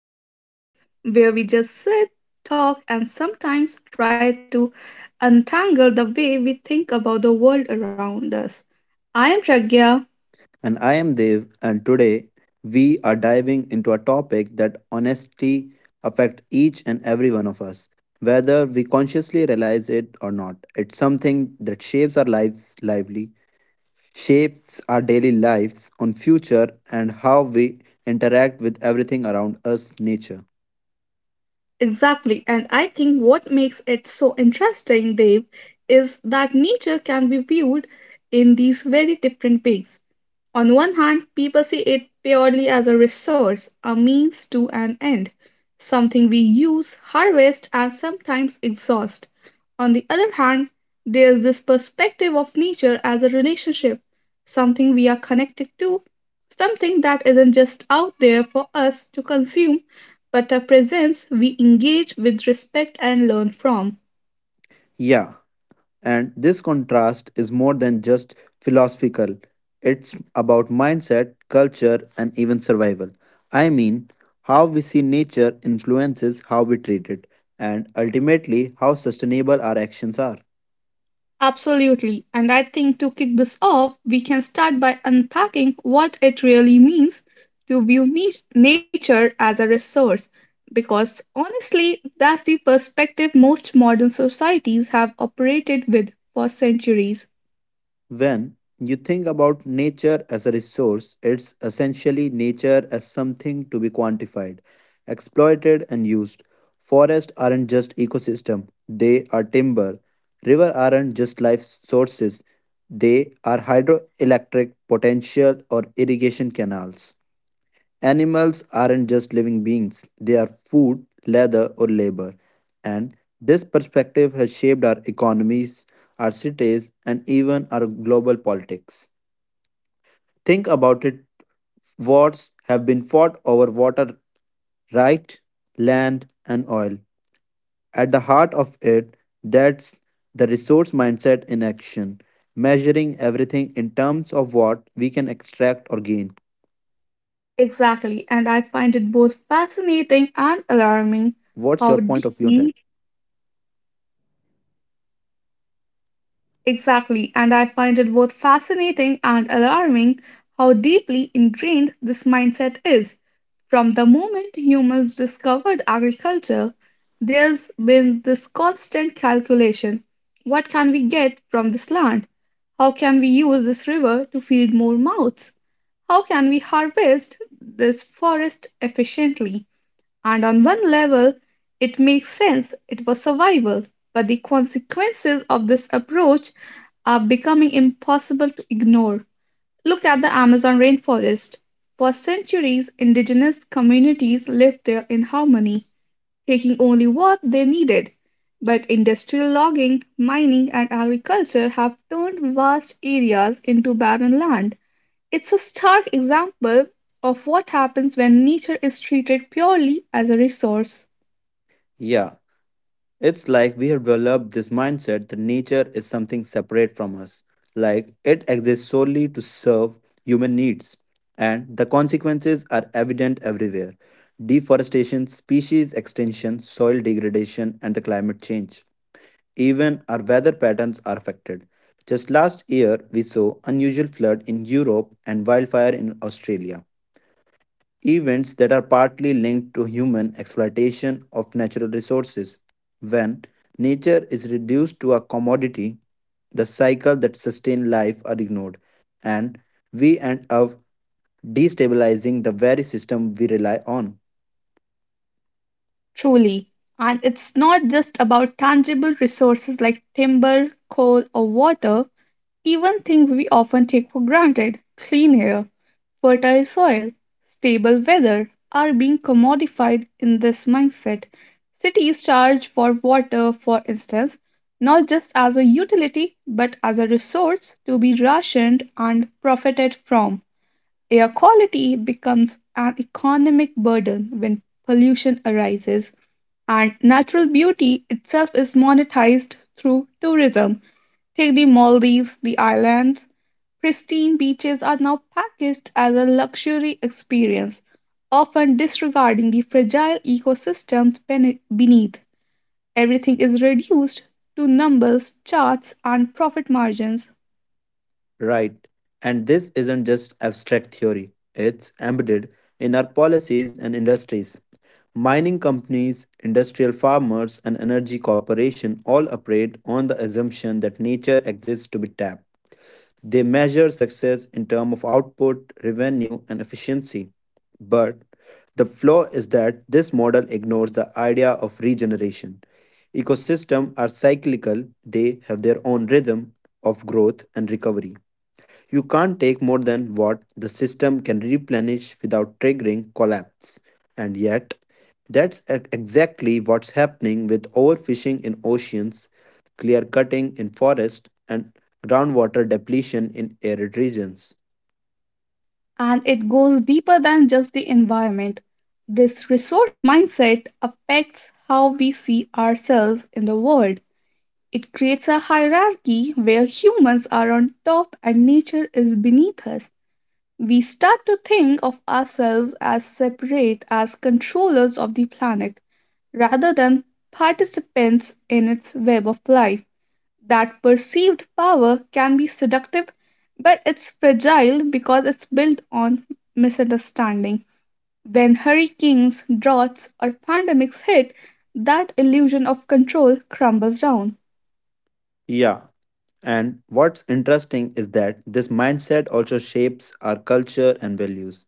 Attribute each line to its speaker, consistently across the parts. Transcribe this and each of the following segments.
Speaker 1: back to our space where we just sit, talk, and sometimes try to untangle the way we think about the world around us. I am Pragya.
Speaker 2: And I am Dev, and today we are diving into a topic that honesty affects each and every one of us, whether we consciously realize it or not. It's something that shapes our lives lively, shapes our daily lives on future and how we interact with everything around us, nature.
Speaker 1: Exactly. And I think what makes it so interesting, Dave, is that nature can be viewed in these very different ways. On one hand, people see it purely as a resource, a means to an end, something we use, harvest, and sometimes exhaust. On the other hand, there's this perspective of nature as a relationship, something we are connected to, something that isn't just out there for us to consume, but a presence we engage with respect and learn from.
Speaker 2: Yeah, and this contrast is more than just philosophical, it's about mindset, culture, and even survival. I mean, how we see nature influences how we treat it, and ultimately, how sustainable our actions are.
Speaker 1: Absolutely. And I think to kick this off, we can start by unpacking what it really means to view nature as a resource. Because honestly, that's the perspective most modern societies have operated with for centuries.
Speaker 2: When you think about nature as a resource, it's essentially nature as something to be quantified, exploited, and used. Forests aren't just ecosystem, they are timber. River aren't just life sources, they are hydroelectric potential or irrigation canals. Animals aren't just living beings, they are food, leather, or labor. And this perspective has shaped our economies, our cities, and even our global politics. Think about it, wars have been fought over water, right, land, and oil. At the heart of it, that's the resource mindset in action, measuring everything in terms of what we can extract or gain.
Speaker 1: Exactly. And I find it both fascinating
Speaker 2: So,
Speaker 1: and
Speaker 2: Pragya,
Speaker 1: alarming
Speaker 2: what's your
Speaker 1: how
Speaker 2: point of view on that?
Speaker 1: deeply Exactly, and I find it both fascinating and alarming how deeply ingrained this mindset is. From the moment humans discovered agriculture, there's been this constant calculation. What can we get from this land? How can we use this river to feed more mouths? How can we harvest this forest efficiently? And on one level, it makes sense, it was survival. But the consequences of this approach are becoming impossible to ignore. Look at the Amazon rainforest. For centuries, indigenous communities lived there in harmony, taking only what they needed. But industrial logging, mining, and agriculture have turned vast areas into barren land. It's a stark example of what happens when nature is treated purely as a resource.
Speaker 2: Yeah, it's like we have developed this mindset that nature is something separate from us, like it exists solely to serve human needs. And the consequences are evident everywhere: deforestation, species extinction, soil degradation, and the climate change. Even our weather patterns are affected. Just last year, we saw unusual flood in Europe and wildfire in Australia, events that are partly linked to human exploitation of natural resources. When nature is reduced to a commodity, the cycle that sustain life are ignored, and we end up destabilizing the very system we rely on.
Speaker 1: Truly. And it's not just about tangible resources like timber, coal, or water. Even things we often take for granted, clean air, fertile soil, stable weather, are being commodified in this mindset. Cities charge for water, for instance, not just as a utility but as a resource to be rationed and profited from. Air quality becomes an economic burden when pollution arises, and natural beauty itself is monetized through tourism. Take the Maldives, the islands. Pristine beaches are now packaged as a luxury experience, often disregarding the fragile ecosystems beneath. Everything is reduced to numbers, charts, and profit margins,
Speaker 2: Right. And this isn't just abstract theory, it's embedded in our policies and industries. Mining companies, industrial farmers, and energy corporations all operate on the assumption that nature exists to be tapped. They measure success in terms of output, revenue, and efficiency. But the flaw is that this model ignores the idea of regeneration. Ecosystems are cyclical, they have their own rhythm of growth and recovery. You can't take more than what the system can replenish without triggering collapse. And yet, exactly what's happening with overfishing in oceans, clear cutting in forests, and groundwater depletion in arid regions.
Speaker 1: and it goes deeper than just the environment. This resource mindset affects how we see ourselves in the world. It creates a hierarchy where humans are on top and nature is beneath us. We start to think of ourselves as separate, as controllers of the planet, rather than participants in its web of life. That perceived power can be seductive, but it's fragile because it's built on misunderstanding. When hurricanes, droughts, or pandemics hit, that illusion of control crumbles down.
Speaker 2: Yeah, and what's interesting is that this mindset also shapes our culture and values.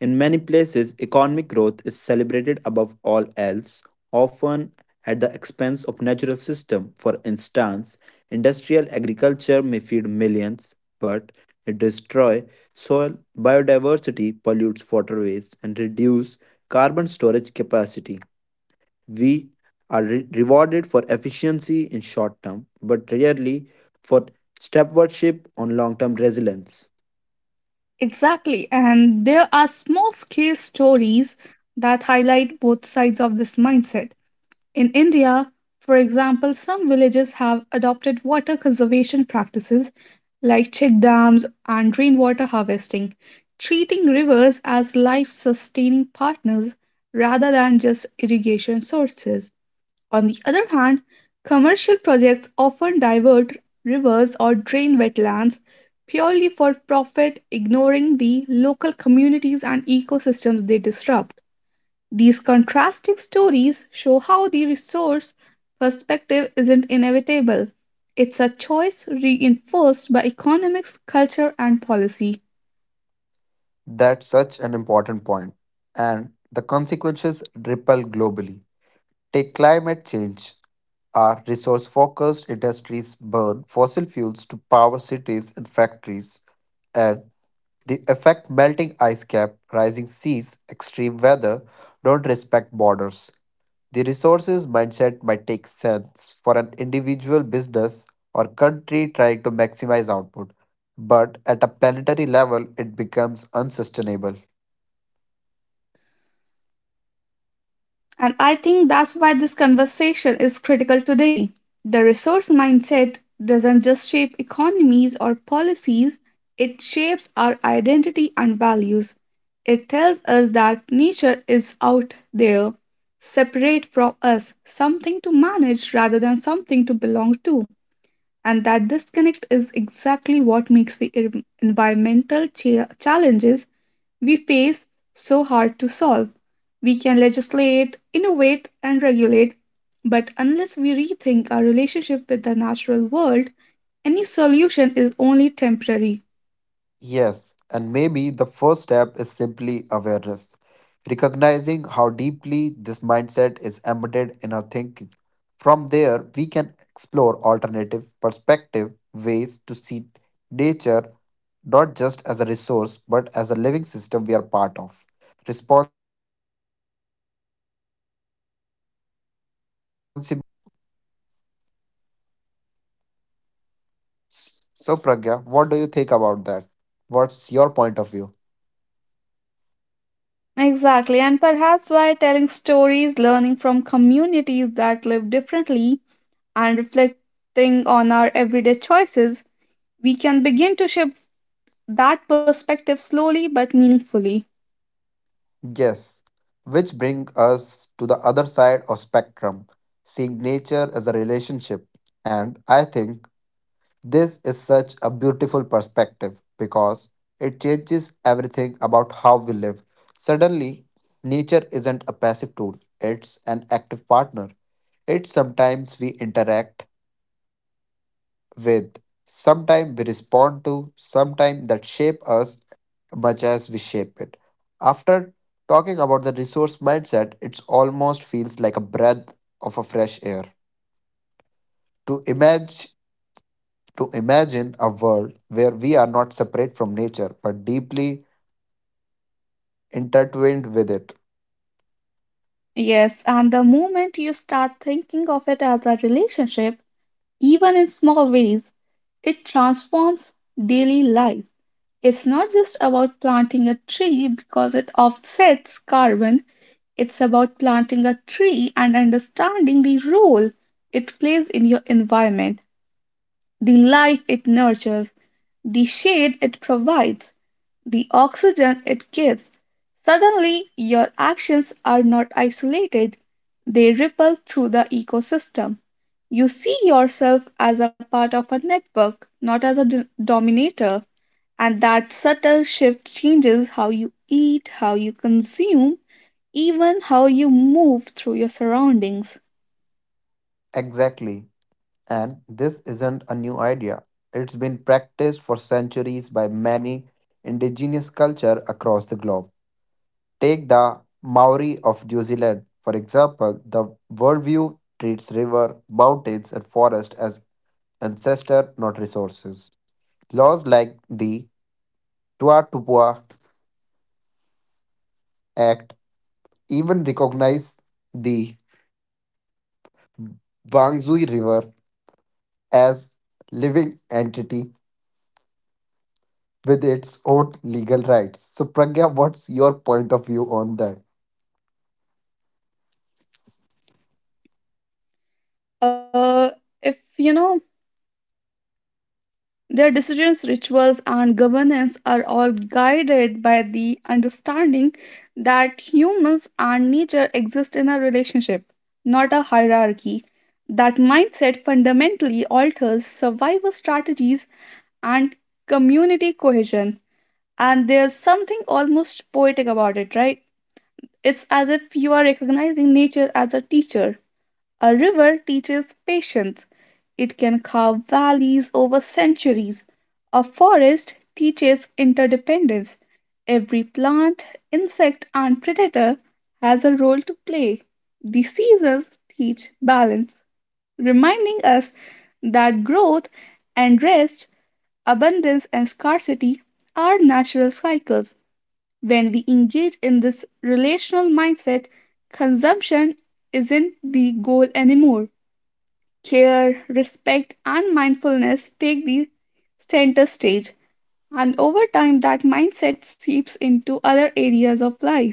Speaker 2: In many places, economic growth is celebrated above all else, often at the expense of natural system. For instance, industrial agriculture may feed millions, but it destroys soil biodiversity, pollutes waterways, and reduces carbon storage capacity. We are rewarded for efficiency in short term, but rarely for step worship on long term resilience.
Speaker 1: Exactly. And there are small scale stories that highlight both sides of this mindset. In India, for example, some villages have adopted water conservation practices like check dams and rainwater harvesting, treating rivers as life sustaining partners rather than just irrigation sources. On the other hand, commercial projects often divert rivers or drain wetlands purely for profit, ignoring the local communities and ecosystems they disrupt. These contrasting stories show how the resource perspective isn't inevitable. It's a choice reinforced by economics, culture, and policy.
Speaker 2: That's such an important point, and the consequences ripple globally. Take climate change. Our resource focused industries burn fossil fuels to power cities and factories, and the effect, melting ice cap, rising seas, extreme weather, don't respect borders. The resources mindset might take sense for an individual business or country trying to maximize output, but at a planetary level, it becomes unsustainable.
Speaker 1: And I think that's why this conversation is critical today. The resource mindset doesn't just shape economies or policies, it shapes our identity and values. It tells us that nature is out there, separate from us, something to manage rather than something to belong to. And that disconnect is exactly what makes the environmental challenges we face so hard to solve. We can legislate, innovate, and regulate, but unless we rethink our relationship with the natural world, any solution is only temporary.
Speaker 2: Yes, and maybe the first step is simply awareness, recognizing how deeply this mindset is embedded in our thinking. From there, we can explore alternative perspective ways to see nature not just as a resource but as a living system we are part of, responsible for and dependent on. So, Pragya, what do you think about that? What's your point of view?
Speaker 1: Exactly, and perhaps by telling stories, learning from communities that live differently, and reflecting on our everyday choices, we can begin to shift that perspective slowly but meaningfully.
Speaker 2: Yes, which bring us to the other side of spectrum, seeing nature as a relationship. And I think this is such a beautiful perspective because it changes everything about how we live. Suddenly, nature isn't a passive tool, it's an active partner. It's sometimes we interact with. Sometime we respond to, sometime that shape us much as we shape it. After talking about the resource mindset, it almost feels like a breath of a fresh air. To imagine to imagine a world where we are not separate from nature but deeply intertwined with it.
Speaker 1: Yes, and the moment you start thinking of it as a relationship, even in small ways, it transforms daily life. It's not just about planting a tree because it offsets carbon, it's about planting a tree and understanding the role it plays in your environment, the life it nurtures, the shade it provides, the oxygen it gives. Suddenly, your actions are not isolated, they ripple through the ecosystem. You see yourself as a part of a network, not as a dominator. And that subtle shift changes how you eat, how you consume, even how you move through your surroundings.
Speaker 2: Exactly. And this isn't a new idea. It's been practiced for centuries by many indigenous culture across the globe. Take the Maori of New Zealand, for example, the worldview treats river, mountains, and forest as ancestor, not resources. Laws like the Tuatupua Act even recognize the Wangzui River as living entity with its own legal rights. So Pragya, what's your point of view on that?
Speaker 1: Uh, if you know Their decisions, rituals, and governance are all guided by the understanding that humans and nature exist in a relationship, not a hierarchy. That mindset fundamentally alters survival strategies and community cohesion. And there's something almost poetic about it, right? It's as if you are recognizing nature as a teacher. A river teaches patience. It can carve valleys over centuries. A forest teaches interdependence. Every plant, insect, and predator has a role to play. The seasons teach balance, reminding us that growth and rest, abundance and scarcity are natural cycles. When we engage in this relational mindset, consumption isn't the goal anymore. Care, respect, and mindfulness take the center stage, and over time, that mindset seeps into other areas of life,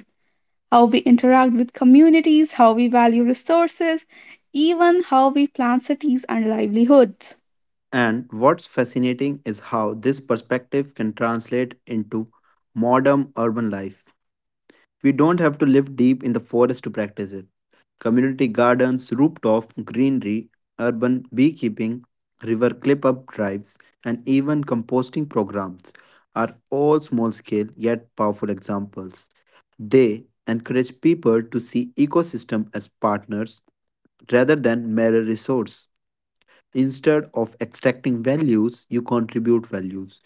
Speaker 1: how we interact with communities, how we value resources, even how we plan cities and livelihoods.
Speaker 2: And what's fascinating is how this perspective can translate into modern urban life. We don't have to live deep in the forest to practice it. Community gardens, rooftop greenery, urban beekeeping, river clip up drives, and even composting programs are all small scale yet powerful examples. They encourage people to see ecosystem as partners rather than mere resource. Instead of extracting values, you contribute values.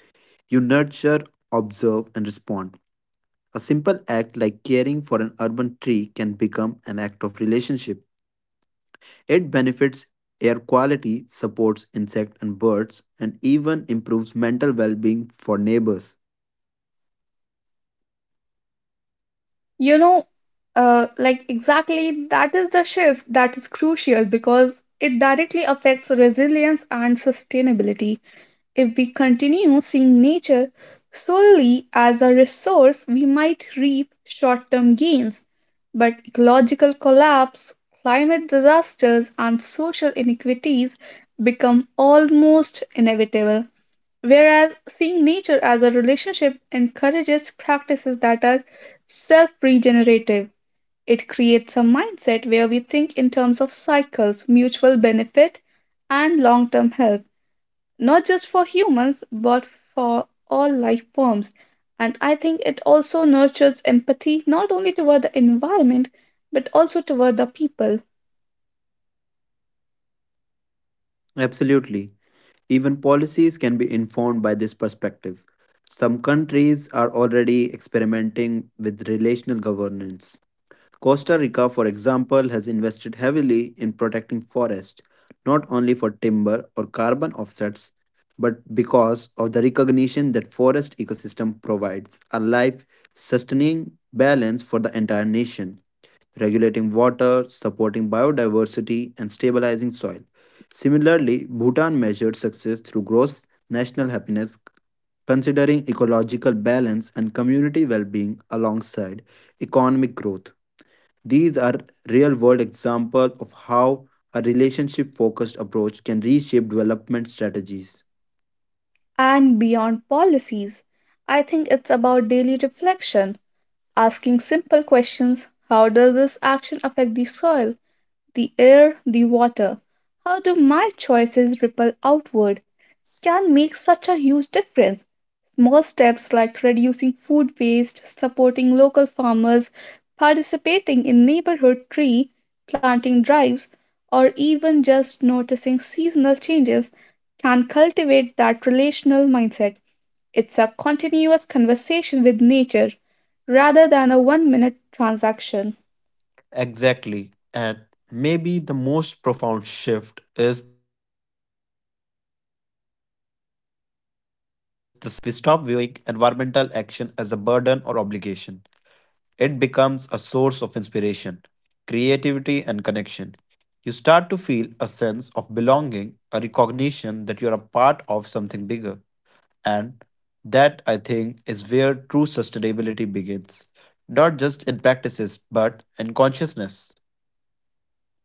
Speaker 2: You nurture, observe, and respond. A simple act like caring for an urban tree can become an act of relationship. It benefits air quality, supports insects and birds, and even improves mental well being for neighbors.
Speaker 1: You know, exactly that is the shift that is crucial because it directly affects resilience and sustainability. If we continue seeing nature solely as a resource, we might reap short term gains, but ecological collapse, climate disasters, and social inequities become almost inevitable. Whereas seeing nature as a relationship encourages practices that are self regenerative, it creates a mindset where we think in terms of cycles, mutual benefit, and long term health, not just for humans, but for all life forms. And I think it also nurtures empathy not only toward the environment, but also toward the people,
Speaker 2: Absolutely. Even policies can be informed by this perspective. Some countries are already experimenting with relational governance. Costa Rica, for example, has invested heavily in protecting forests, not only for timber or carbon offsets, but because of the recognition that forest ecosystem provides a life sustaining balance for the entire nation, regulating water, supporting biodiversity, and stabilizing soil. Similarly, Bhutan measured success through gross national happiness, considering ecological balance and community well being alongside economic growth. These are real world examples of how a relationship focused approach can reshape development strategies.
Speaker 1: and beyond policies. I think it's about daily reflection, asking simple questions. How does this action affect the soil, the air, the water? How do my choices ripple outward? Can make such a huge difference. Small steps like reducing food waste, supporting local farmers, participating in neighborhood tree planting drives, or even just noticing seasonal changes can cultivate that relational mindset. It's a continuous conversation with nature rather than a one minute transaction.
Speaker 2: Exactly. And maybe the most profound shift is the psychological one. When we see nature as a relationship, we stop viewing environmental action as a burden or obligation. It becomes a source of inspiration, creativity, and connection. You start to feel a sense of belonging, a recognition that you're a part of something bigger. And that, I think, is where true sustainability begins, not just in practices, but in consciousness.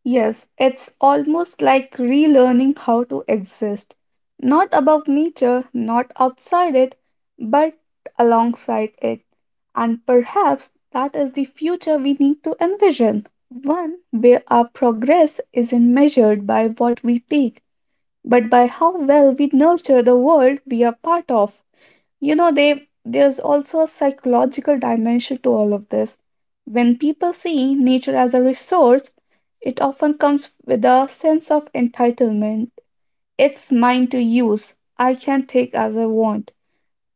Speaker 1: Yes, it's almost like relearning how to exist, not above nature, not outside it, but alongside it. And perhaps that is the future we need to envision, one where our progress isn't measured by what we take, but by how well we nurture the world we are part of. You know, they there's also a psychological dimension to all of this. When people see nature as a resource, it often comes with a sense of entitlement. It's mine to use, I can take as I want.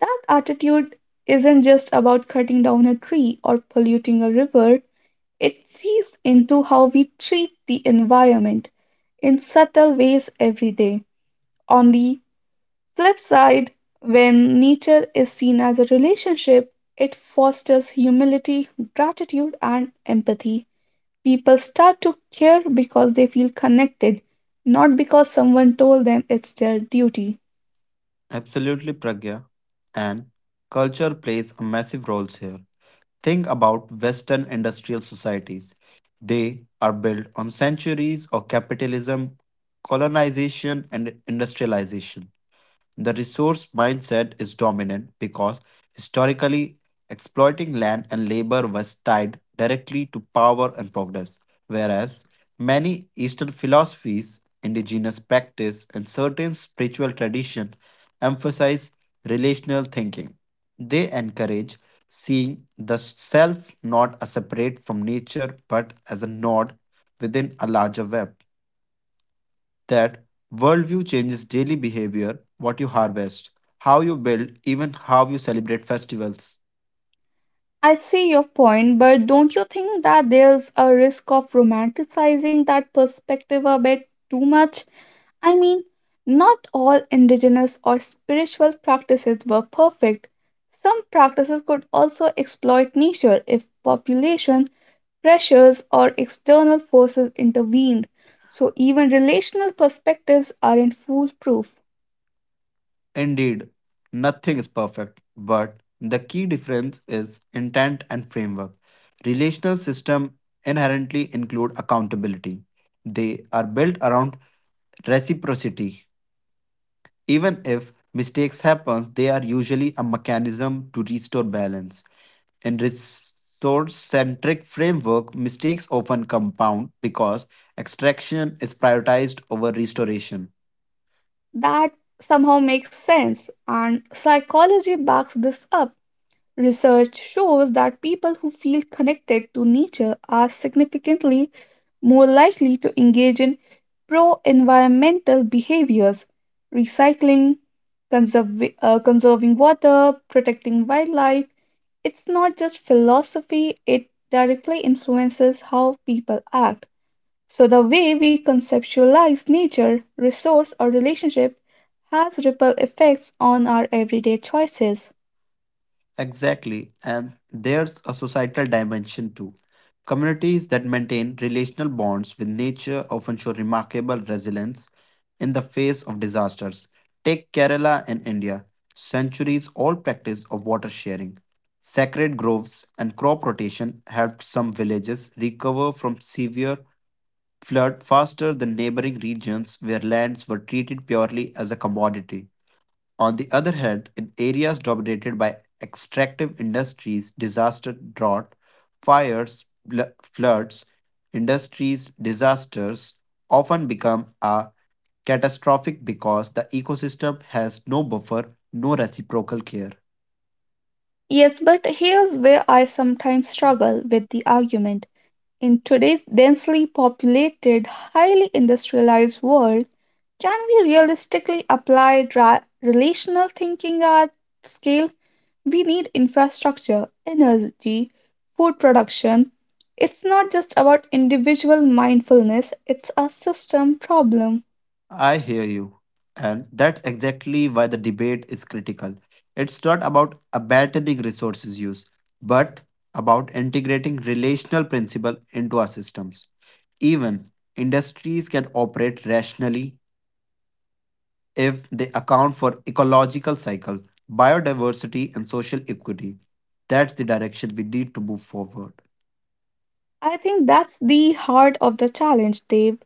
Speaker 1: That attitude isn't just about cutting down a tree or polluting a river, it seeps into how we treat the environment in subtle ways every day. On the flip side, when nature is seen as a relationship, it fosters humility, gratitude, and empathy. People start to care because they feel connected, not because someone told them it's their duty.
Speaker 2: Absolutely, Pragya. And culture plays a massive role here. Think about Western industrial societies. They are built on centuries of capitalism, colonization, and industrialization. The resource mindset is dominant because historically, exploiting land and labor was tied directly to power and progress, whereas many Eastern philosophies, indigenous practice, and certain spiritual traditions emphasize relational thinking. They encourage seeing the self not as separate from nature but as a node within a larger web. That worldview changes daily behavior, what you harvest, how you build, even how you celebrate festivals.
Speaker 1: I see your point, but don't you think that there's a risk of romanticizing that perspective a bit too much? I mean, not all indigenous or spiritual practices were perfect. Some practices could also exploit nature if population pressures or external forces intervened. So even relational perspectives aren't foolproof.
Speaker 2: Indeed, nothing is perfect, but the key difference is intent and framework. Relational systems inherently include accountability. They are built around reciprocity. Even if mistakes happen, they are usually a mechanism to restore balance. In resource centric framework, mistakes often compound because extraction is prioritized over restoration.
Speaker 1: That somehow makes sense, and psychology backs this up. Research shows that people who feel connected to nature are significantly more likely to engage in pro environmental behaviors, recycling, conserving water, protecting wildlife. It's not just philosophy, it directly influences how people act. So, the way we conceptualize nature, resource, or relationship has ripple effects on our everyday choices.
Speaker 2: Exactly. And there's a societal dimension too. Communities that maintain relational bonds with nature often show remarkable resilience in the face of disasters. Take Kerala and India, centuries old practice of water sharing. Sacred groves and crop rotation helped some villages recover from severe flood faster than neighboring regions where lands were treated purely as a commodity. On the other hand, in areas dominated by extractive industries, disaster, drought, fires, floods, industries, disasters often become a catastrophic because the ecosystem has no buffer, no reciprocal care.
Speaker 1: Yes, but here's where I sometimes struggle with the argument. In today's densely populated, highly industrialized world, can we realistically apply relational thinking at scale? We need infrastructure, energy, food production. It's not just about individual mindfulness, it's a system problem.
Speaker 2: I hear you. And that's exactly why the debate is critical. It's not about abandoning resources use, but about integrating relational principle into our systems. Even industries can operate rationally if they account for ecological cycle, biodiversity and social equity. That's the direction we need to move forward.
Speaker 1: I think that's the heart of the challenge, Dave.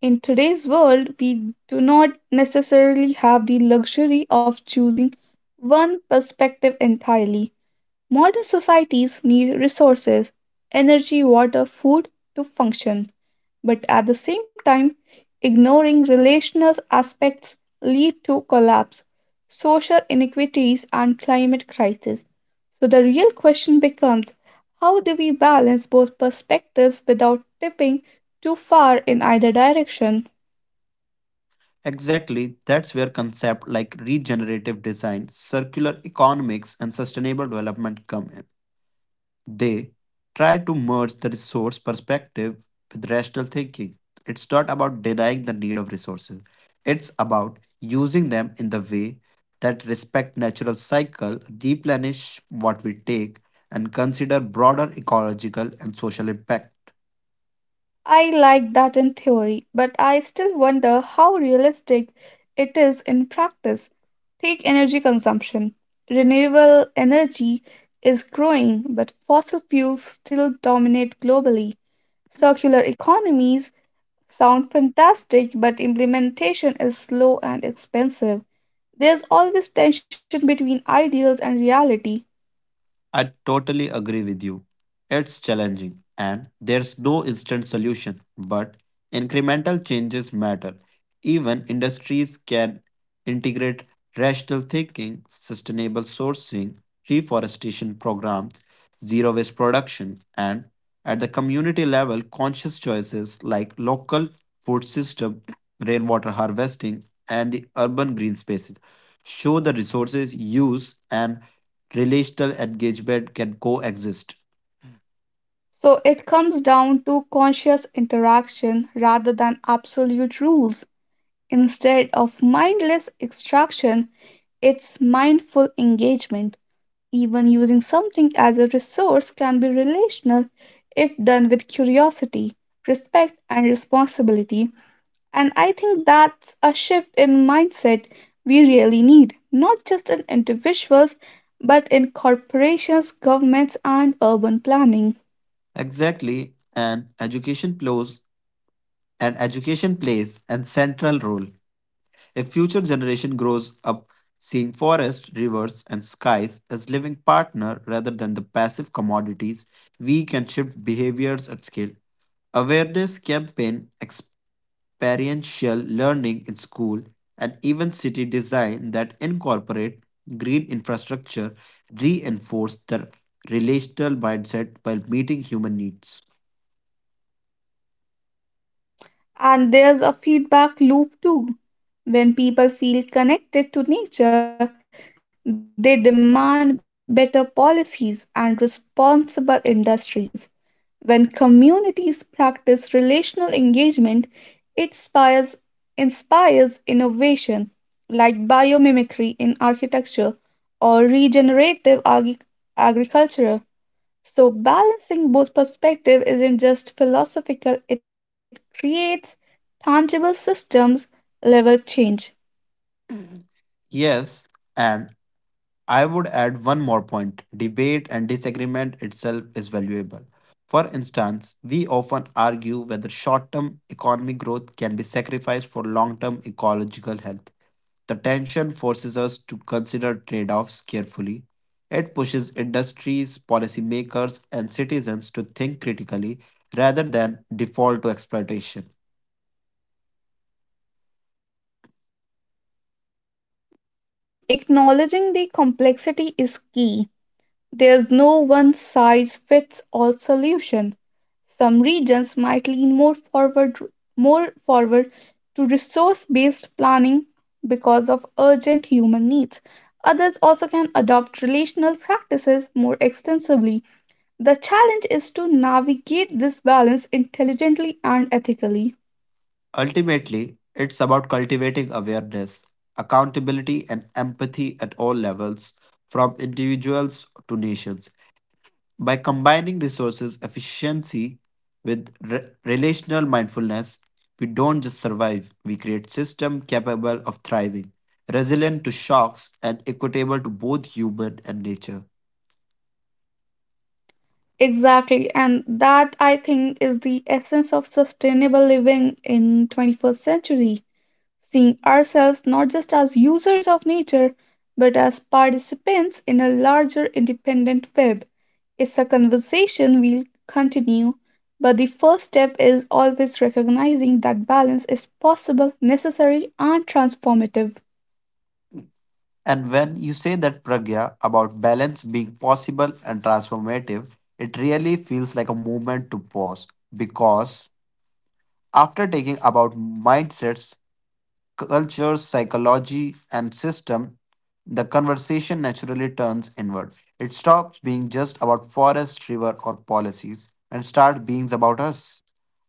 Speaker 1: In today's world, we do not necessarily have the luxury of choosing one perspective entirely. Modern societies need resources, energy, water, food to function, but at the same time, ignoring relational aspects lead to collapse, social inequities and climate crisis. So the real question becomes, how do we balance both perspectives without tipping too far in either direction?
Speaker 2: Exactly, that's where concepts like regenerative design, circular economics, and sustainable development come in. They try to merge the resource perspective with rational thinking. It's not about denying the need of resources, it's about using them in the way that respect natural cycle, replenish what we take, and consider broader ecological and social impact.
Speaker 1: I like that in theory, but I still wonder how realistic it is in practice. Take energy consumption. Renewable energy is growing, but fossil fuels still dominate globally. Circular economies sound fantastic, but implementation is slow and expensive. There's always tension between ideals and reality.
Speaker 2: I totally agree with you. It's challenging and there's no instant solution, but incremental changes matter. Even industries can integrate rational thinking, sustainable sourcing, reforestation programs, zero waste production, and at the community level, conscious choices like local food system, rainwater harvesting, and the urban green spaces show the resources use and relational engagement can coexist.
Speaker 1: So it comes down to conscious interaction rather than absolute rules. Instead of mindless extraction, it's mindful engagement. Even using something as a resource can be relational if done with curiosity, respect, and responsibility. And I think that's a shift in mindset we really need, not just in individuals, but in corporations, governments, and urban planning.
Speaker 2: Exactly, and education plays an central role. If future generation grows up seeing forests, rivers, and skies as living partner rather than the passive commodities, we can shift behaviors at scale. Awareness campaign experiential learning in school, and even city design that incorporate green infrastructure reinforce the relational mindset while meeting human needs.
Speaker 1: And there's a feedback loop too. When people feel connected to nature, they demand better policies and responsible industries. When communities practice relational engagement, it inspires innovation like biomimicry in architecture or agriculture. So, balancing both perspectives isn't just philosophical, it creates tangible systems level change.
Speaker 2: Yes, and I would add one more point. Debate and disagreement itself is valuable. For instance, we often argue whether short term economic growth can be sacrificed for long term ecological health. The tension forces us to consider trade offs carefully. It pushes industries, policymakers, and citizens to think critically rather than default to exploitation.
Speaker 1: Yes, and I think acknowledging the complexity is key. There's no one size fits all solution. Some regions might lean more forward to resource-based planning because of urgent human needs. Others also can adopt relational practices more extensively. The challenge is to navigate this balance intelligently and ethically.
Speaker 2: Ultimately, it's about cultivating awareness, accountability, and empathy at all levels, from individuals to nations. By combining resources efficiency with relational mindfulness, we don't just survive, we create systems capable of thriving, resilient to shocks, and equitable to both human and nature.
Speaker 1: Exactly, and that I think is the essence of sustainable living in 21st century, seeing ourselves not just as users of nature but as participants in a larger independent web. It's a conversation we'll continue, but the first step is always recognizing that balance is possible, necessary and transformative.
Speaker 2: And when you say that pragya about balance being possible and transformative, it really feels like a moment to pause because after taking about mindsets culture, psychology, and system, the conversation naturally turns inward. It stops being just about forest, river, or policies and starts being about us,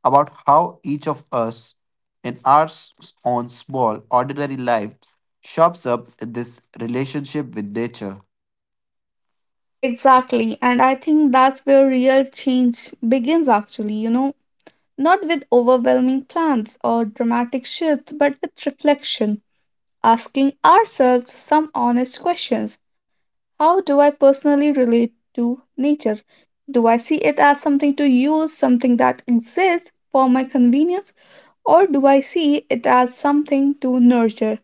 Speaker 2: about how each of us in our own small, ordinary life shops up in this relationship with nature.
Speaker 1: Exactly. And I think that's where real change begins, actually, not with overwhelming plans or dramatic shifts, but with reflection, asking ourselves some honest questions. How do I personally relate to nature? Do I see it as something to use, something that exists for my convenience, or do I see it as something to nurture,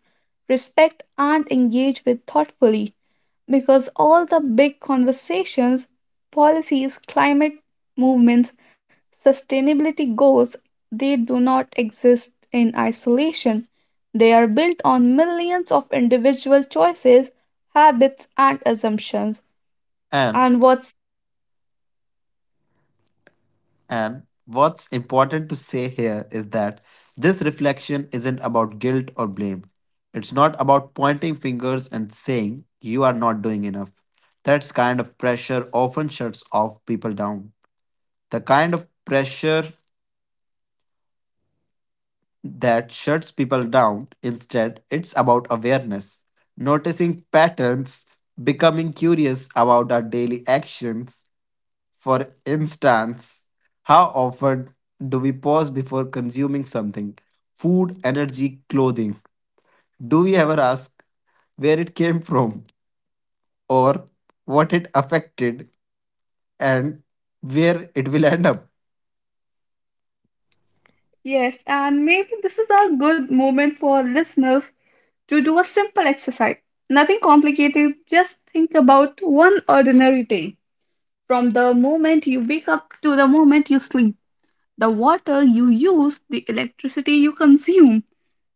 Speaker 1: respect, and engage with thoughtfully? Because all the big conversations, policies, climate movements, sustainability goals, they do not exist in isolation. They are built on millions of individual choices, habits, and assumptions.
Speaker 2: and.
Speaker 1: And what's
Speaker 2: And what's important to say here is that this reflection isn't about guilt or blame. It's not about pointing fingers and saying you are not doing enough. That kind of pressure often shuts off people down. The kind of pressure that shuts people down. Instead, it's about awareness, noticing patterns, becoming curious about our daily actions. For instance, how often do we pause before consuming something? Food, energy, clothing. Do we ever ask where it came from or what it affected and where it will end up?
Speaker 1: Yes, and maybe this is a good moment for listeners to do a simple exercise. Nothing complicated, just think about one ordinary day. From the moment you wake up to the moment you sleep, the water you use, the electricity you consume,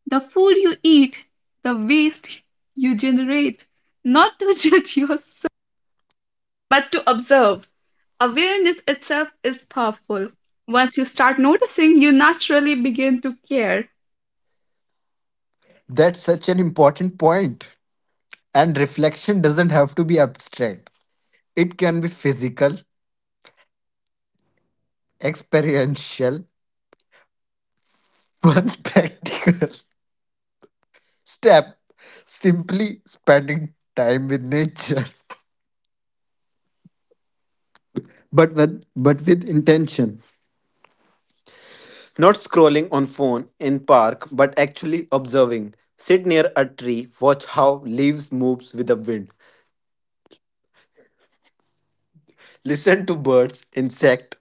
Speaker 1: the food you eat, the waste you generate. Not to judge yourself but to observe. Awareness itself is powerful. Once you start noticing, you naturally begin to care.
Speaker 2: That's such an important point. And reflection doesn't have to be abstract, it can be physical, experiential, one practical step. Simply spending time with nature but with intention. Not scrolling on phone in park, but actually observing. Sit near a tree, watch how leaves moves with the wind. Listen to birds, insect,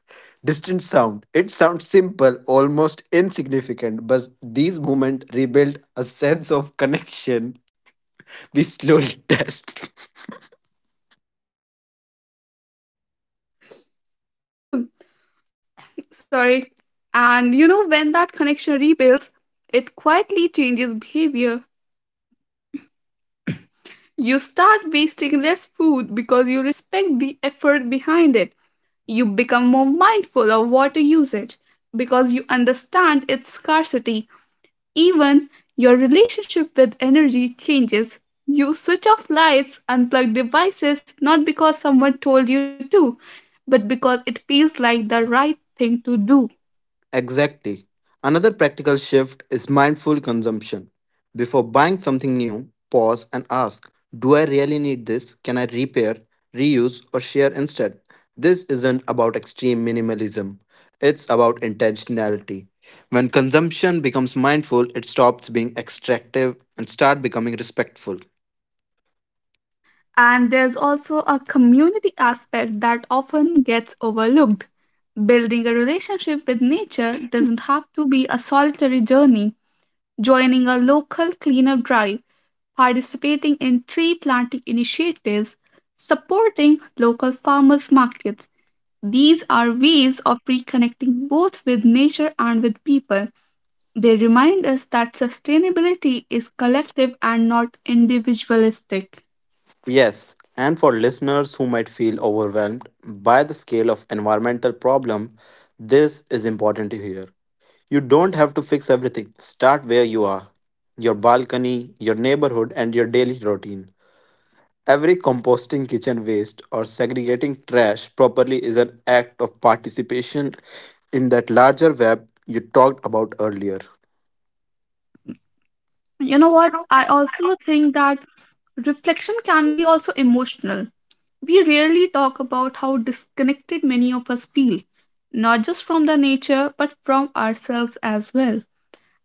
Speaker 2: distant sound. It sounds simple, almost insignificant, but these moments rebuild a sense of connection we slowly test.
Speaker 1: Sorry. And you know, when that connection rebuilds, it quietly changes behavior. You start wasting less food because you respect the effort behind it. You become more mindful of water usage because you understand its scarcity. Even your relationship with energy changes. You switch off lights, unplug devices, not because someone told you to, but because it feels like the right thing to do.
Speaker 2: Exactly. Another practical shift is mindful consumption. Before buying something new, pause and ask, do I really need this? Can I repair, reuse, or share instead? This isn't about extreme minimalism, it's about intentionality. When consumption becomes mindful, it stops being extractive and start becoming respectful.
Speaker 1: And there's also a community aspect that often gets overlooked. Building a relationship with nature doesn't have to be a solitary journey. Joining a local cleanup drive, participating in tree planting initiatives, supporting local farmers markets, these are ways of reconnecting both with nature and with people. They remind us that sustainability is collective and not individualistic.
Speaker 2: Yes, and for listeners who might feel overwhelmed by the scale of environmental problem, this is important to hear. You don't have to fix everything. Start where you are, your balcony, your neighborhood, and your daily routine. Every composting kitchen waste or segregating trash properly is an act of participation in that larger web you talked about earlier.
Speaker 1: You know what? I also think that reflection can be also emotional. We rarely talk about how disconnected many of us feel, not just from the nature, but from ourselves as well.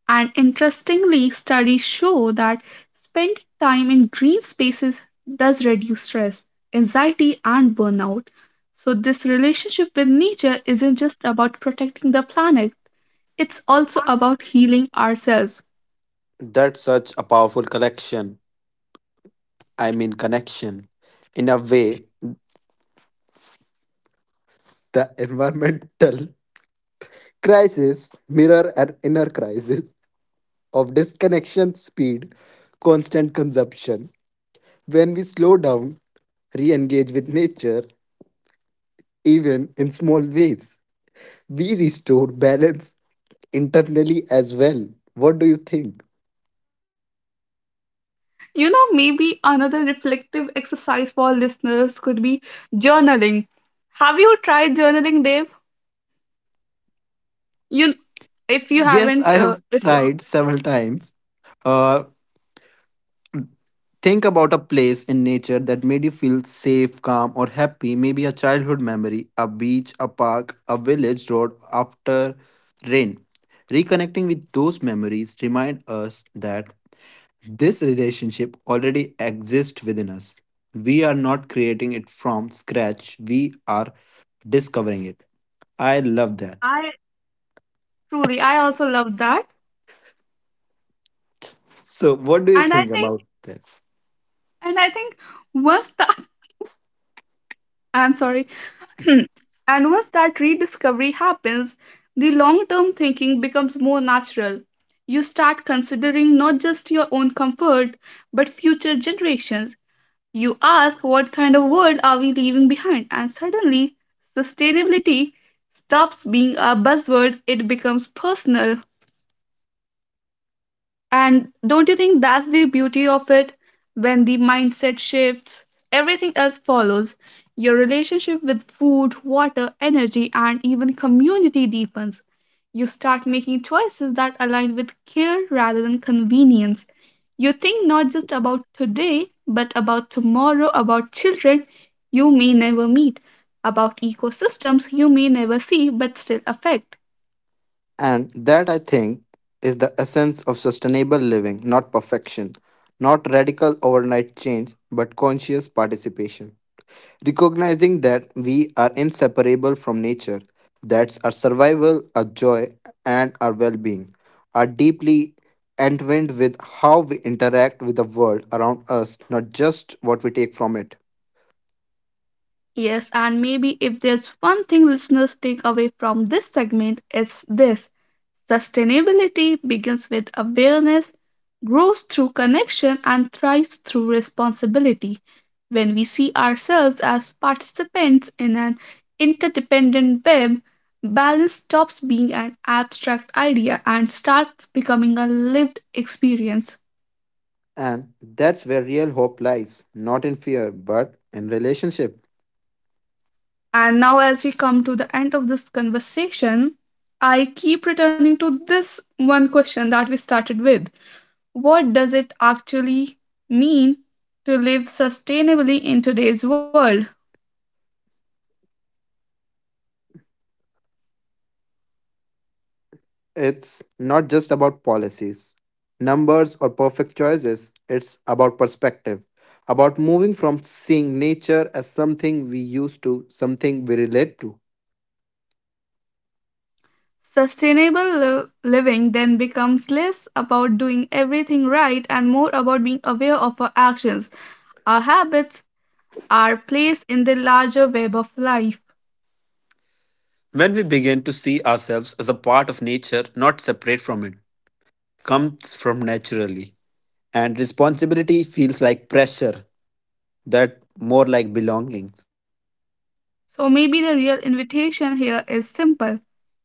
Speaker 1: And interestingly, studies show that spending time in green spaces does reduce stress, anxiety, and burnout. So, this relationship with nature isn't just about protecting the planet, it's also about healing ourselves.
Speaker 2: That's such a powerful collection, I mean, connection. In a way, the environmental crisis mirror an inner crisis of disconnection, speed, constant consumption, when we slow down, re engage with nature, even in small ways, we restore balance internally as well. What do you think?
Speaker 1: You know, maybe another reflective exercise for listeners could be journaling. Have you tried journaling, Dave? You, if you
Speaker 2: Yes,
Speaker 1: haven't,
Speaker 2: I have
Speaker 1: if,
Speaker 2: tried several times. Uh, think about a place in nature that made you feel safe, calm, or happy. Maybe a childhood memory, a beach, a park, a village road after rain. Reconnecting with those memories remind us that this relationship already exists within us. We are not creating it from scratch, we are discovering it. I love that.
Speaker 1: I truly, I also love that,
Speaker 2: So, what do you
Speaker 1: and I
Speaker 2: think
Speaker 1: think
Speaker 2: about that?
Speaker 1: And I think once I'm sorry, and once that rediscovery happens, the long term thinking becomes more natural. You start considering not just your own comfort, but future generations. You ask, what kind of world are we leaving behind? And suddenly, sustainability stops being a buzzword, it becomes personal. And don't you think that's the beauty of it? When the mindset shifts, everything else follows. Your relationship with food, water, energy, and even community deepens. You start making choices that align with care rather than convenience. You think not just about today, but about tomorrow, about children you may never meet, about ecosystems you may never see but still affect.
Speaker 2: And that I think is the essence of sustainable living, not perfection, not radical overnight change, but conscious participation. Recognizing that we are inseparable from nature, that our survival, our joy, and our well being are deeply entwined with how we interact with the world around us, not just what we take from it.
Speaker 1: Yes, and maybe if there's one thing listeners take away from this segment, it's this: sustainability begins with awareness, grows through connection, and thrives through responsibility. When we see ourselves as participants in an interdependent web, balance stops being an abstract idea and starts becoming a lived experience.
Speaker 2: And that's where real hope lies, not in fear, but in relationship.
Speaker 1: And now, as we come to the end of this conversation, I keep returning to this one question that we started with: what does it actually mean to live sustainably in today's world?
Speaker 2: It's not just about policies, numbers, or perfect choices. It's about perspective, about moving from seeing nature as something we used to something we relate to.
Speaker 1: Sustainable living then becomes less about doing everything right and more about being aware of our actions, our habits, our place in the larger web of life.
Speaker 2: When we begin to see ourselves as a part of nature, not separate from it, comes from naturally. And responsibility feels like pressure, that more like belonging.
Speaker 1: So maybe the real invitation here is simple.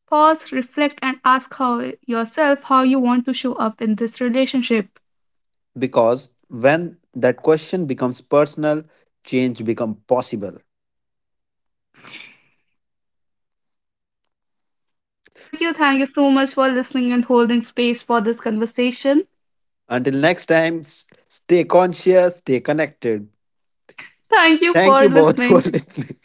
Speaker 1: Pause, reflect, and ask how yourself how you want to show up in this relationship.
Speaker 2: Because when that question becomes personal, change becomes possible.
Speaker 1: Thank you. Thank you so much for listening and holding space for this conversation.
Speaker 2: Until next time, stay conscious, stay connected.
Speaker 1: Thank you
Speaker 2: Thank
Speaker 1: for
Speaker 2: you both for
Speaker 1: listening.
Speaker 2: listening.